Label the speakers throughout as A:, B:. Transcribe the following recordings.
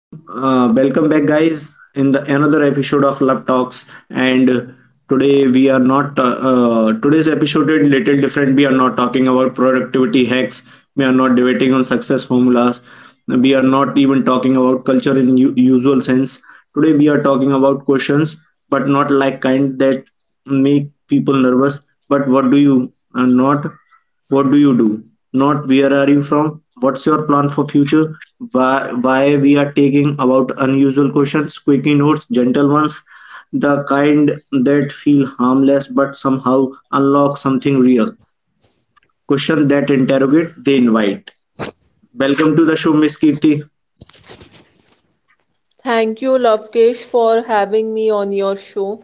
A: Welcome back, guys, in the another episode of Love Talks. And today we are not. Today's episode is little different. We are not talking about productivity hacks. We are not debating on success formulas. We are not even talking about culture in usual sense. Today we are talking about questions, but not like kind that make people nervous. But uh, not? What do you do? Not where are you from? What's your plan for future? Why we are taking about unusual questions, quickie notes, gentle ones, the kind that feel harmless but somehow unlock something real. Question that interrogate, they invite. Welcome to the show, Miss Kirti.
B: Thank you, Lovekesh, for having me on your show.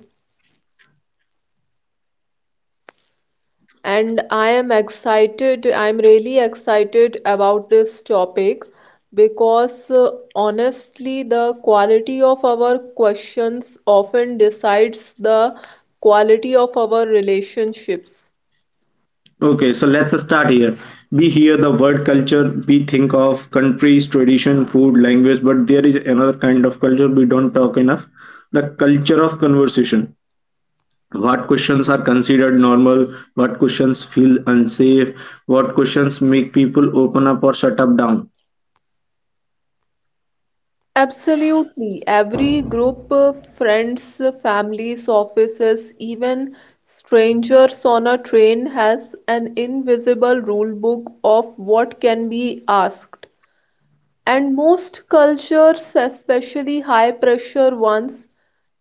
B: And I am excited, I'm really excited about this topic because honestly, the quality of our questions often decides the quality of our relationships.
A: Okay, so let's start here. We hear the word culture, we think of countries, tradition, food, language, but there is another kind of culture we don't talk enough, the culture of conversation. What questions are considered normal? What questions feel unsafe? What questions make people open up or shut up down?
B: Absolutely. Every group, friends, families, offices, even strangers on a train has an invisible rule book of what can be asked. And most cultures, especially high pressure ones,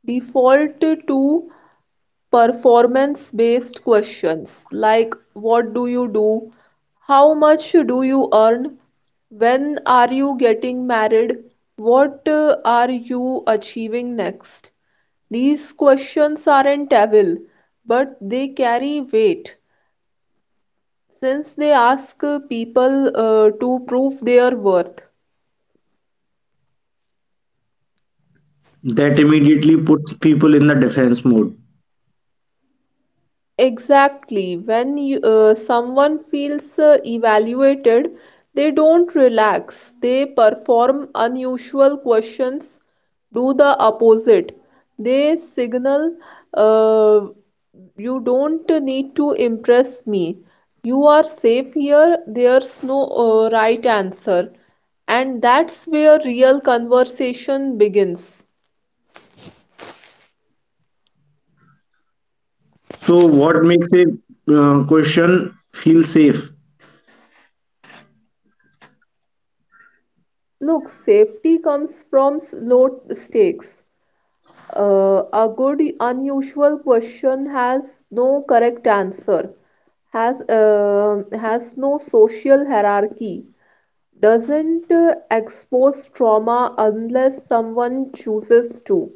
B: default to performance based questions like what do you do? How much do you earn? When are you getting married? What are you achieving next? These questions aren't evil, but they carry weight since they ask people to prove their worth.
A: That immediately puts people in the defense mode.
B: Exactly. Someone feels evaluated, they don't relax. They perform unusual questions, do the opposite. They signal, uh, you don't need to impress me. You are safe here. There's no right answer. And that's where real conversation begins.
A: So, what makes a question feel safe?
B: Look, safety comes from low stakes. A good unusual question has no correct answer, has no social hierarchy, doesn't expose trauma unless someone chooses to,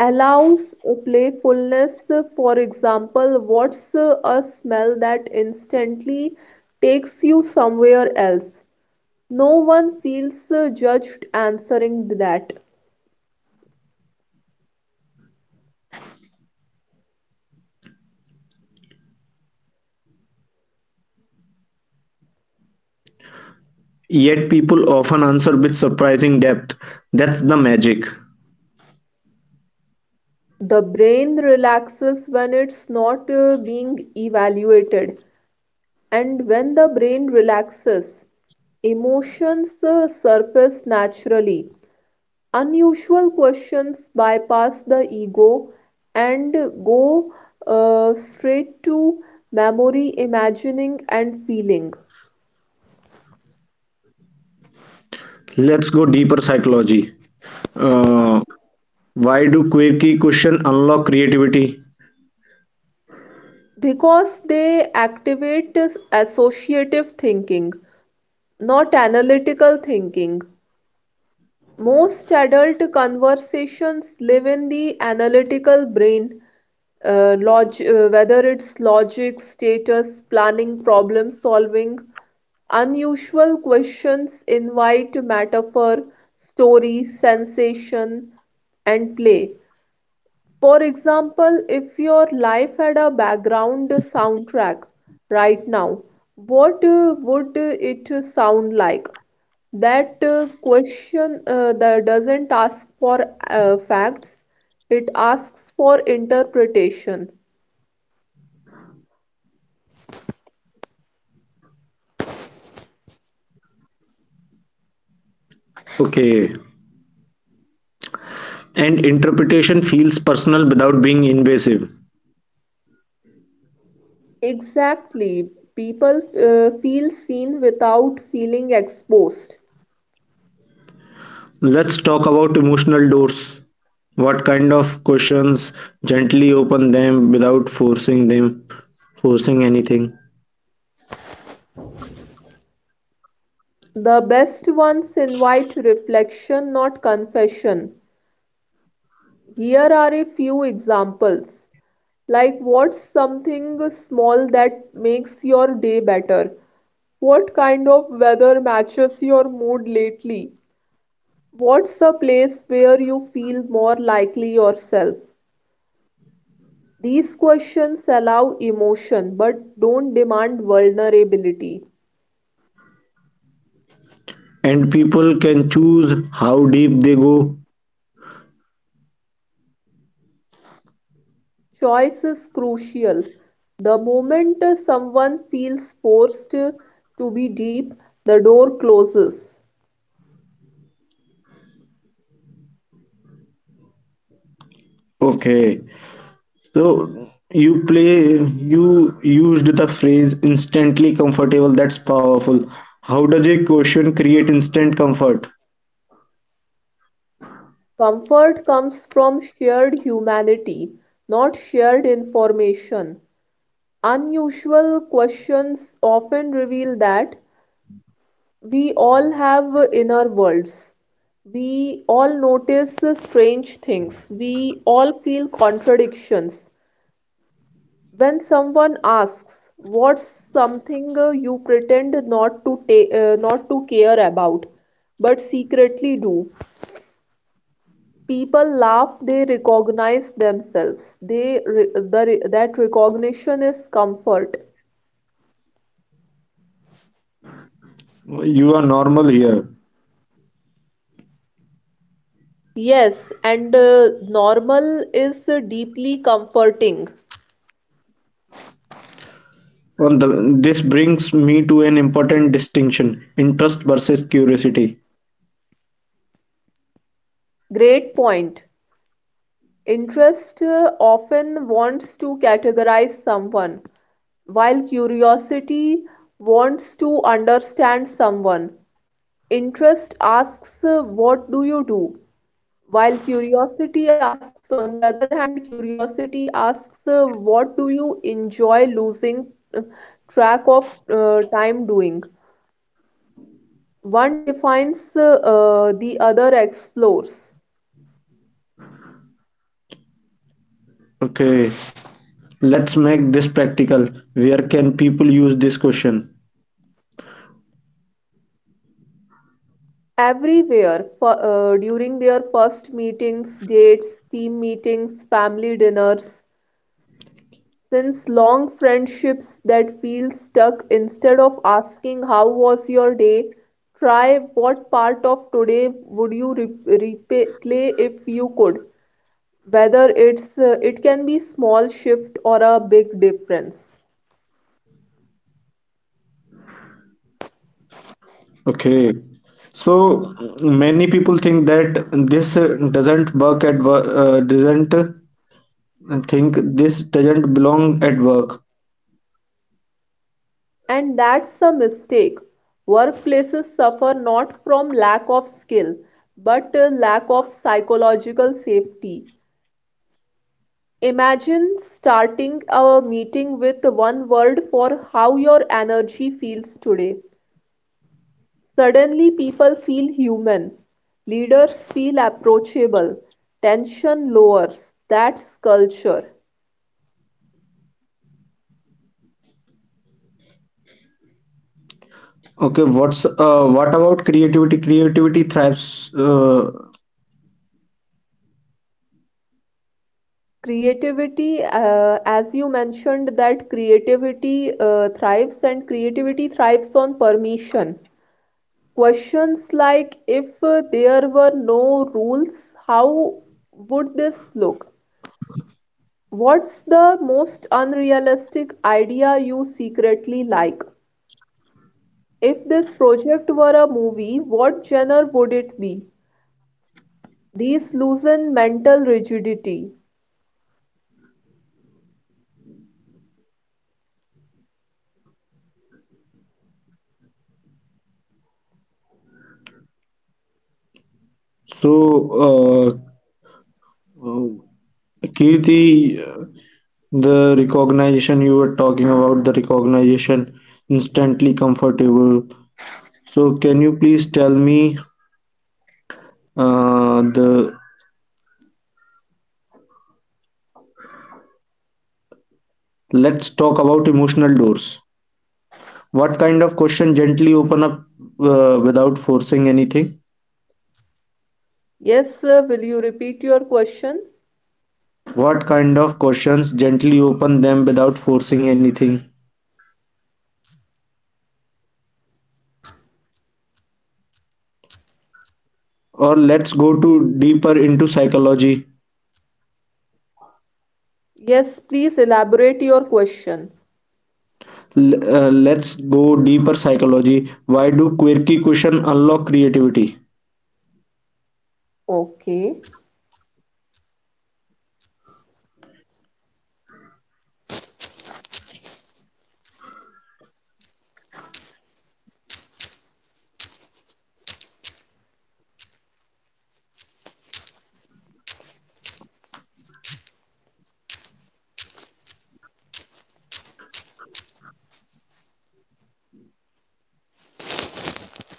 B: allows playfulness. For example, what's a smell that instantly takes you somewhere else? No one feels judged answering that.
A: Yet, people often answer with surprising depth. That's the magic.
B: The brain relaxes when it's not being evaluated, and when the brain relaxes, emotions surface naturally. Unusual questions bypass the ego and go straight to memory, imagining, and feeling
A: Let's go deeper psychology. Uh, why do quirky questions unlock creativity?
B: because they activate associative thinking, not analytical thinking. Most adult conversations live in the analytical brain, log whether it's logic, status, planning, problem solving. Unusual questions invite metaphor, story, sensation, and play. For example, if your life had a background soundtrack right now, what would it sound like? That question that doesn't ask for facts, it asks for interpretation.
A: Okay. And interpretation feels personal without being invasive.
B: Exactly. People feel seen without feeling exposed.
A: Let's talk about emotional doors. What kind of questions gently open them without forcing anything?
B: The best ones invite reflection, not confession. Here are a few examples. Like, what's something small that makes your day better? What kind of weather matches your mood lately? What's a place where you feel more likely yourself? These questions allow emotion but don't demand vulnerability.
A: And people can choose how deep they go.
B: Choice is crucial. The moment someone feels forced to be deep, the door closes.
A: Okay. So you play, you used the phrase instantly comfortable. That's powerful. How does a question create instant comfort?
B: Comfort comes from shared humanity, not shared information. Unusual questions often reveal that we all have inner worlds. We all notice strange things. We all feel contradictions. When someone asks, what's something you pretend not to care about, but secretly do? People laugh, they recognize themselves. They re- the, re- that recognition is comfort.
A: You are normal here.
B: Yes, and normal is deeply comforting.
A: This brings me to an important distinction, interest versus curiosity.
B: Great point. Interest often wants to categorize someone, while curiosity wants to understand someone. Interest asks, what do you do? While curiosity asks, on the other hand, curiosity asks, what do you enjoy losing uh, track of time doing? One defines, the other explores.
A: Okay, let's make this practical. Where can people use this question?
B: Everywhere, during their first meetings, dates, team meetings, family dinners, since long friendships that feel stuck, instead of asking how was your day, try what part of today would you replay if you could. Whether it's it can be small shift or a big difference.
A: Okay. So many people think that this doesn't work at work, doesn't think this doesn't belong at work.
B: And that's a mistake. Workplaces suffer not from lack of skill, but lack of psychological safety. Imagine starting our meeting with one word for how your energy feels today. Suddenly, people feel human. Leaders feel approachable. Tension lowers. That's culture.
A: Okay, what about creativity? Creativity thrives.
B: Creativity, as you mentioned, that creativity thrives and creativity thrives on permission. Questions like if there were no rules, how would this look? What's the most unrealistic idea you secretly like? If this project were a movie, what genre would it be? These loosen mental rigidity.
A: So, uh, uh, Kirti, the recognition you were talking about, the recognition instantly comfortable. So, can you please tell me the let's talk about emotional doors. What kind of question gently open up without forcing anything?
B: Yes, sir, will you repeat your question?
A: What kind of questions gently open them without forcing anything? Or let's go to deeper into psychology.
B: Yes, please elaborate your question.
A: Let's go deeper psychology. Why do quirky question unlock creativity?
B: Okay.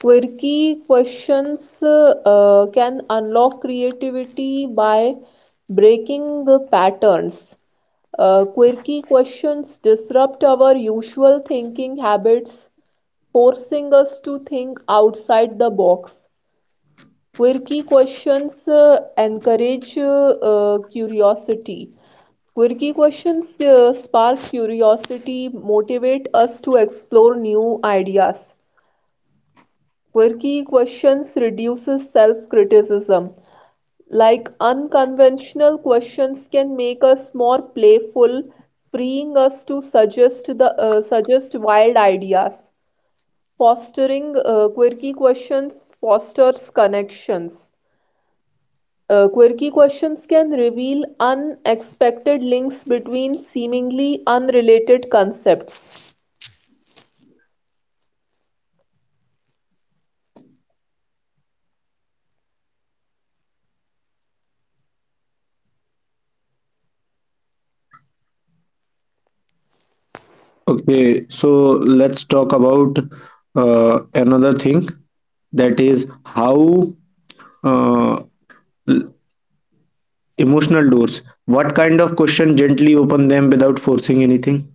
B: Quirky questions can unlock creativity by breaking the patterns. Quirky questions disrupt our usual thinking habits, forcing us to think outside the box. Quirky questions encourage curiosity. Quirky questions spark curiosity, motivate us to explore new ideas. Quirky questions reduces self-criticism. Like unconventional questions can make us more playful, freeing us to suggest wild ideas. Fostering quirky questions fosters connections. Quirky questions can reveal unexpected links between seemingly unrelated concepts.
A: Okay, so let's talk about another thing that is how uh, l- emotional doors. What kind of question gently open them without forcing anything?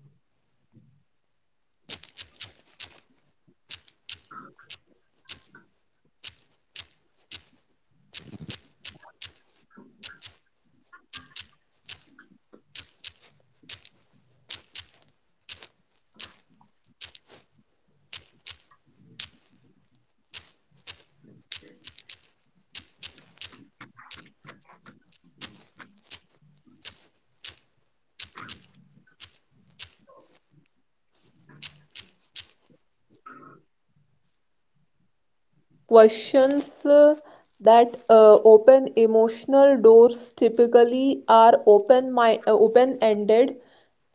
B: Questions that open emotional doors typically are open-ended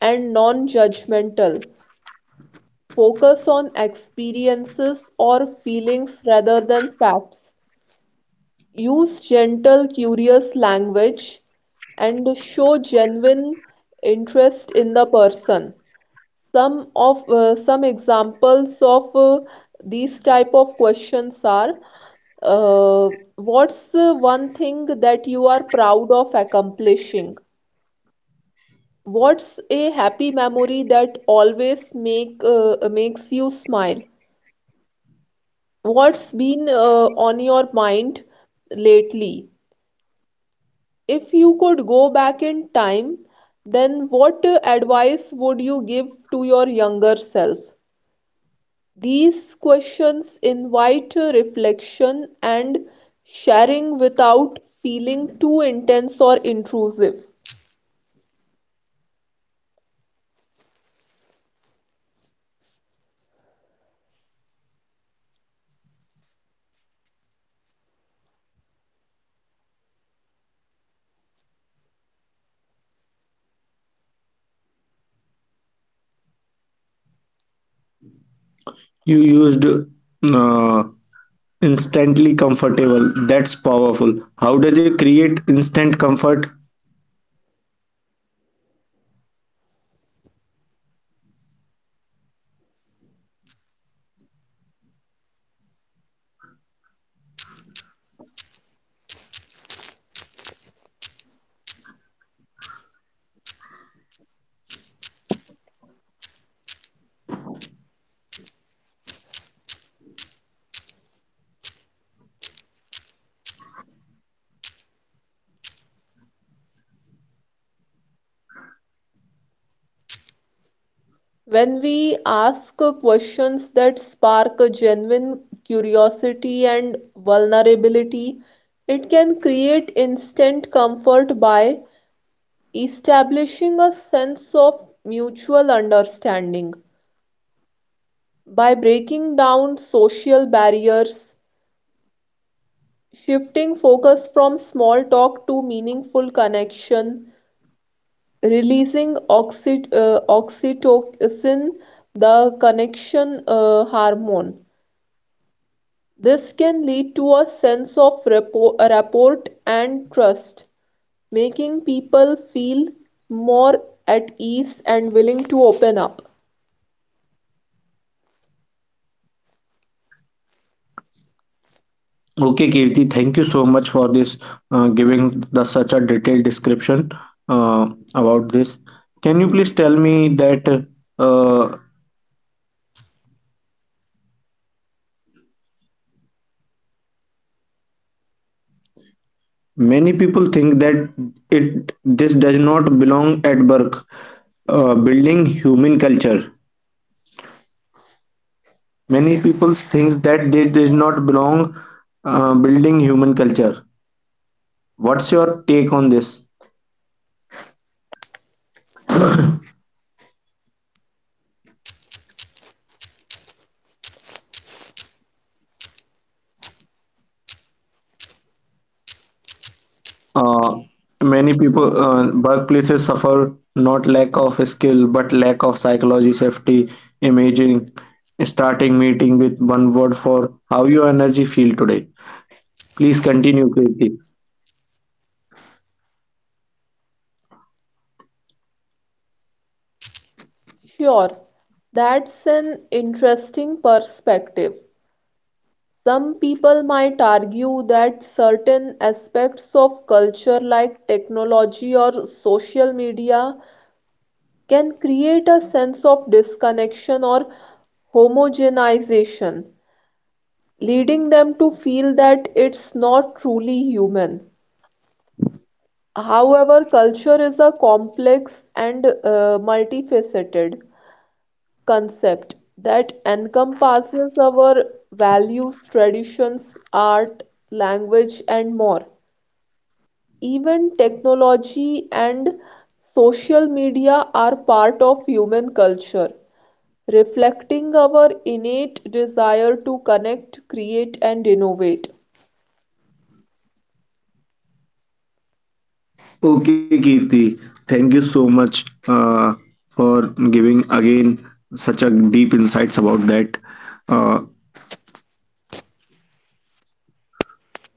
B: and non-judgmental. Focus on experiences or feelings rather than facts. Use gentle, curious language and show genuine interest in the person. Some examples of these type of questions are uh, what's one thing that you are proud of accomplishing? What's a happy memory that always makes you smile? What's been on your mind lately? If you could go back in time, then what advice would you give to your younger self? These questions invite reflection and sharing without feeling too intense or intrusive.
A: You used instantly comfortable. That's powerful. How does it create instant comfort?
B: When we ask questions that spark a genuine curiosity and vulnerability, it can create instant comfort by establishing a sense of mutual understanding by breaking down social barriers, shifting focus from small talk to meaningful connection, releasing oxytocin, the connection hormone. This can lead to a sense of rapport and trust, making people feel more at ease and willing to open up.
A: Okay, Kirti, thank you so much for this giving the such a detailed description uh, about this. Can you please tell me that uh, many people think that it this does not belong at work, building human culture. Many people think that they does not belong building human culture. What's your take on this? Uh, Many people, workplaces suffer not lack of skill, but lack of psychology, safety, imaging. Starting meeting with one word for how your energy feel today. Please continue, Kirti.
B: Sure, that's an interesting perspective. Some people might argue that certain aspects of culture, like technology or social media, can create a sense of disconnection or homogenization, leading them to feel that it's not truly human. However, culture is a complex and multifaceted concept that encompasses our values, traditions, art, language, and more. Even technology and social media are part of human culture, reflecting our innate desire to connect, create, and innovate.
A: Okay, Kirti, thank you so much for giving again such a deep insights about that. Uh,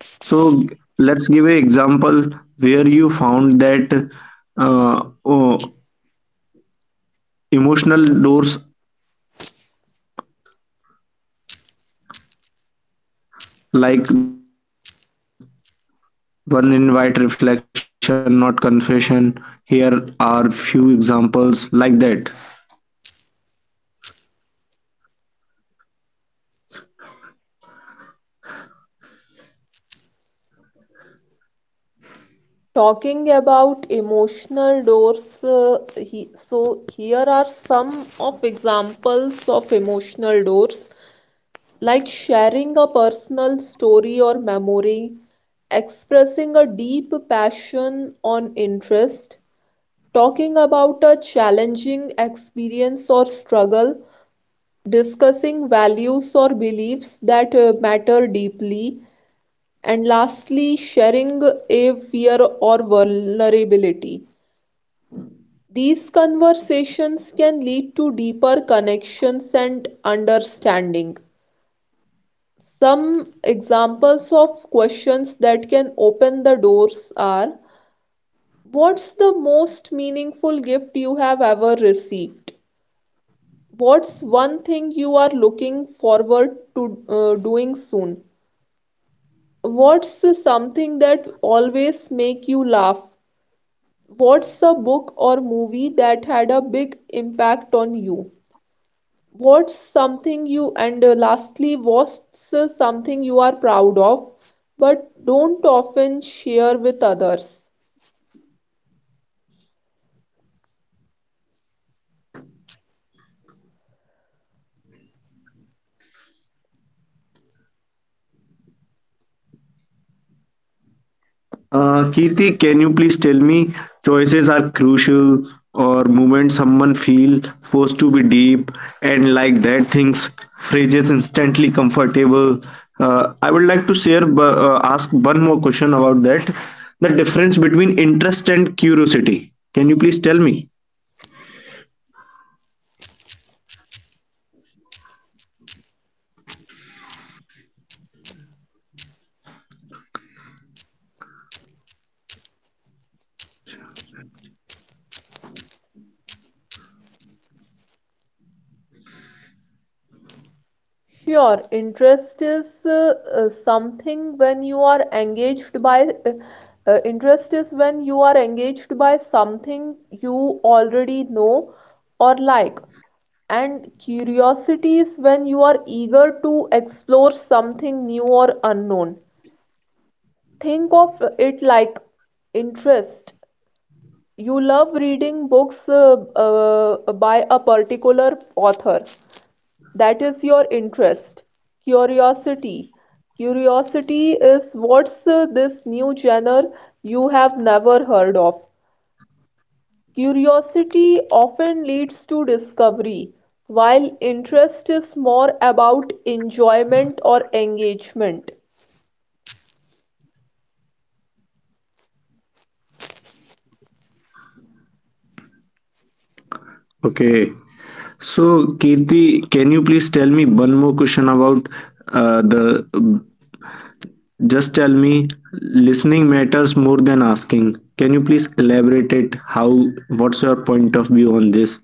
A: So let's give an example where you found that uh, oh, emotional doors, like the best example, one invite reflection, not confession. Here are few examples like that.
B: Talking about emotional doors, so here are some of examples of emotional doors. Like sharing a personal story or memory, expressing a deep passion or interest, talking about a challenging experience or struggle, discussing values or beliefs that matter deeply, and lastly, sharing a fear or vulnerability. These conversations can lead to deeper connections and understanding. Some examples of questions that can open the doors are: what's the most meaningful gift you have ever received? What's one thing you are looking forward to doing soon? What's something that always make you laugh? What's a book or movie that had a big impact on you? What's something you and lastly, what's something you are proud of but don't often share with others?
A: Kirti, can you please tell me choices are crucial or moment someone feel forced to be deep and like that things phrases instantly comfortable. I would like to share ask one more question about that. The difference between interest and curiosity. Can you please tell me?
B: Sure, interest is something when you are engaged by interest is when you are engaged by something you already know or like, and curiosity is when you are eager to explore something new or unknown. Think of it like interest you love reading books by a particular author. That is your interest, curiosity. Curiosity is what's this new genre you have never heard of. Curiosity often leads to discovery, while interest is more about enjoyment or engagement.
A: Okay. So Kirti, can you please tell me one more question about the just tell me, listening matters more than asking. Can you please elaborate it? How, what's your point of view on this?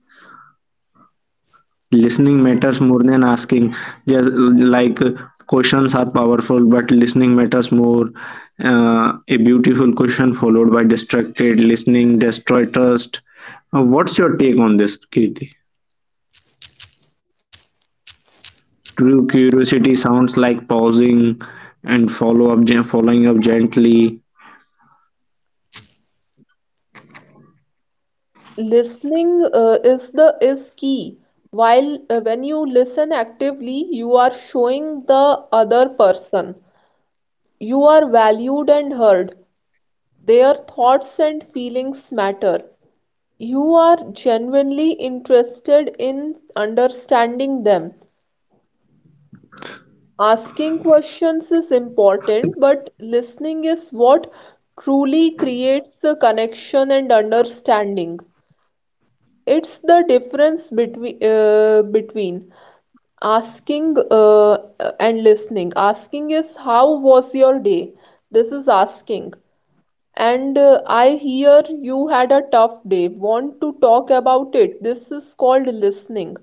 A: Listening matters more than asking. Just like questions are powerful, but listening matters more. A beautiful question followed by distracted listening destroy trust. What's your take on this, Kirti? True curiosity sounds like pausing and follow up, following up gently.
B: Listening is key while when you listen actively, you are showing the other person you are valued and heard, their thoughts and feelings matter, you are genuinely interested in understanding them. Asking questions is important, but listening is what truly creates a connection and understanding. It's the difference between asking and listening. Asking is how was your day? This is asking. And I hear you had a tough day. Want to talk about it? This is called listening.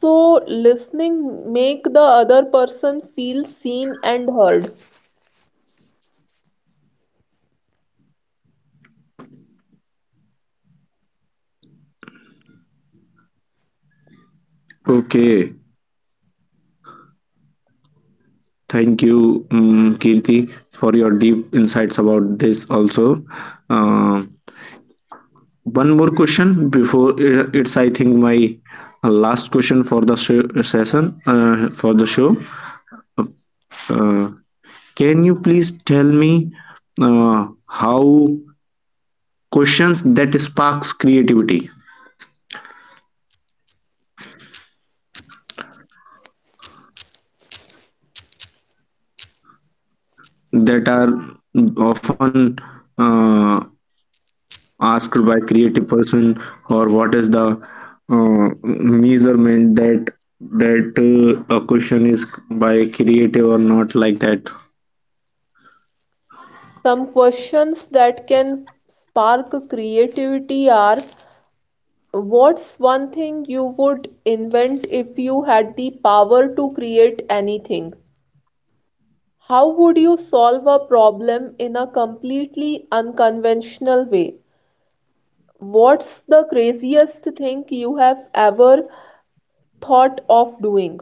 B: So listening make the other person feel seen and heard.
A: Okay. Thank you, Kirti, for your deep insights about this also. Uh, One more question before it's, I think, my last question for the show, session, for the show. Uh, can you please tell me how questions that sparks creativity that are often uh, asked by creative person or what is the measurement that that a question is by creative or not like that.
B: Some questions that can spark creativity are: what's one thing you would invent if you had the power to create anything? How would you solve a problem in a completely unconventional way? What's the craziest thing you have ever thought of doing?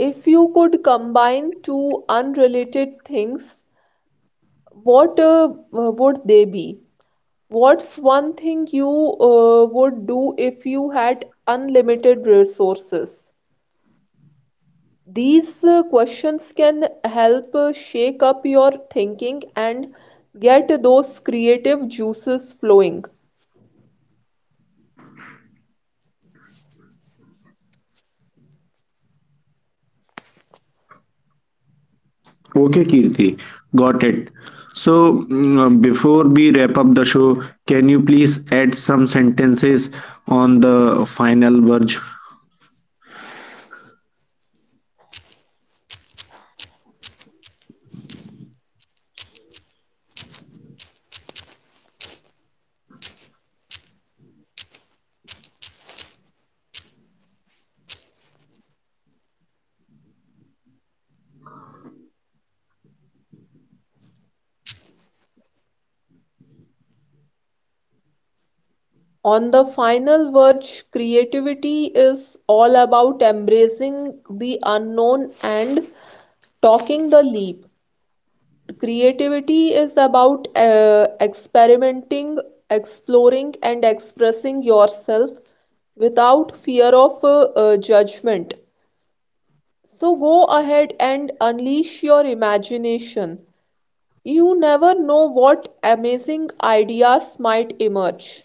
B: If you could combine two unrelated things, what would they be? What's one thing you would do if you had unlimited resources? These questions can help shake up your thinking and get those creative juices flowing.
A: Okay, Kirti, got it. So before we wrap up the show, can you please add some sentences on the final verge.
B: On the final verge, creativity is all about embracing the unknown and taking the leap. Creativity is about experimenting, exploring, and expressing yourself without fear of judgment. So go ahead and unleash your imagination. You never know what amazing ideas might emerge.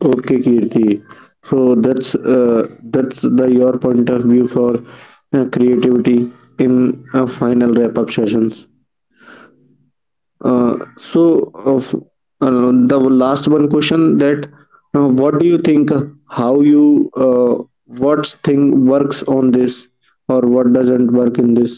A: Okay, Kirti. So that's the your point of view for creativity in final wrap up sessions. So, of the last one question that what do you think? How you what thing works on this or what doesn't work in this?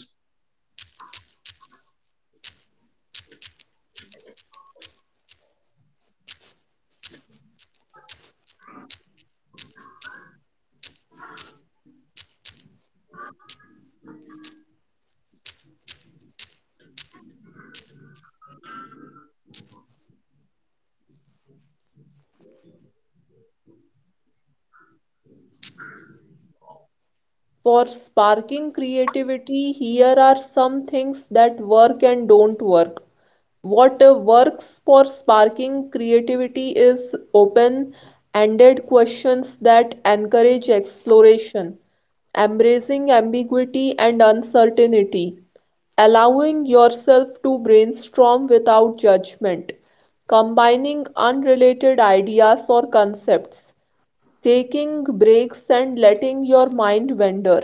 B: For sparking creativity, here are some things that work and don't work. What works for sparking creativity is open ended questions that encourage exploration, embracing ambiguity and uncertainty, allowing yourself to brainstorm without judgment, combining unrelated ideas or concepts, taking breaks and letting your mind wander.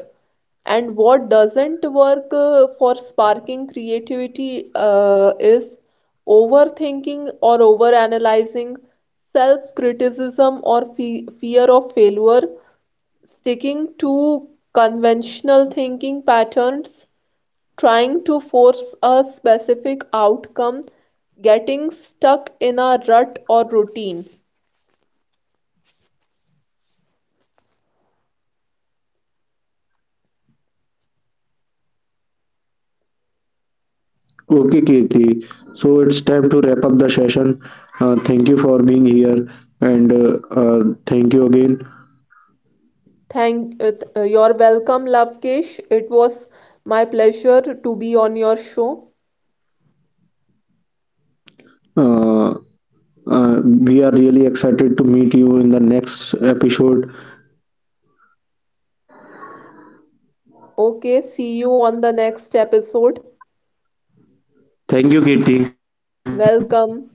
B: And what doesn't work for sparking creativity is overthinking or overanalyzing, self-criticism or fe fear of failure, sticking to conventional thinking patterns, trying to force a specific outcome, getting stuck in a rut or routine.
A: Okay, Kirti. So it's time to wrap up the session. Thank you for being here and thank you again.
B: You're welcome, Lavkesh. It was my pleasure to be on your show.
A: Uh, we are really excited to meet you in the next episode.
B: Okay, see you on the next episode.
A: Thank you, Kirti.
B: Welcome.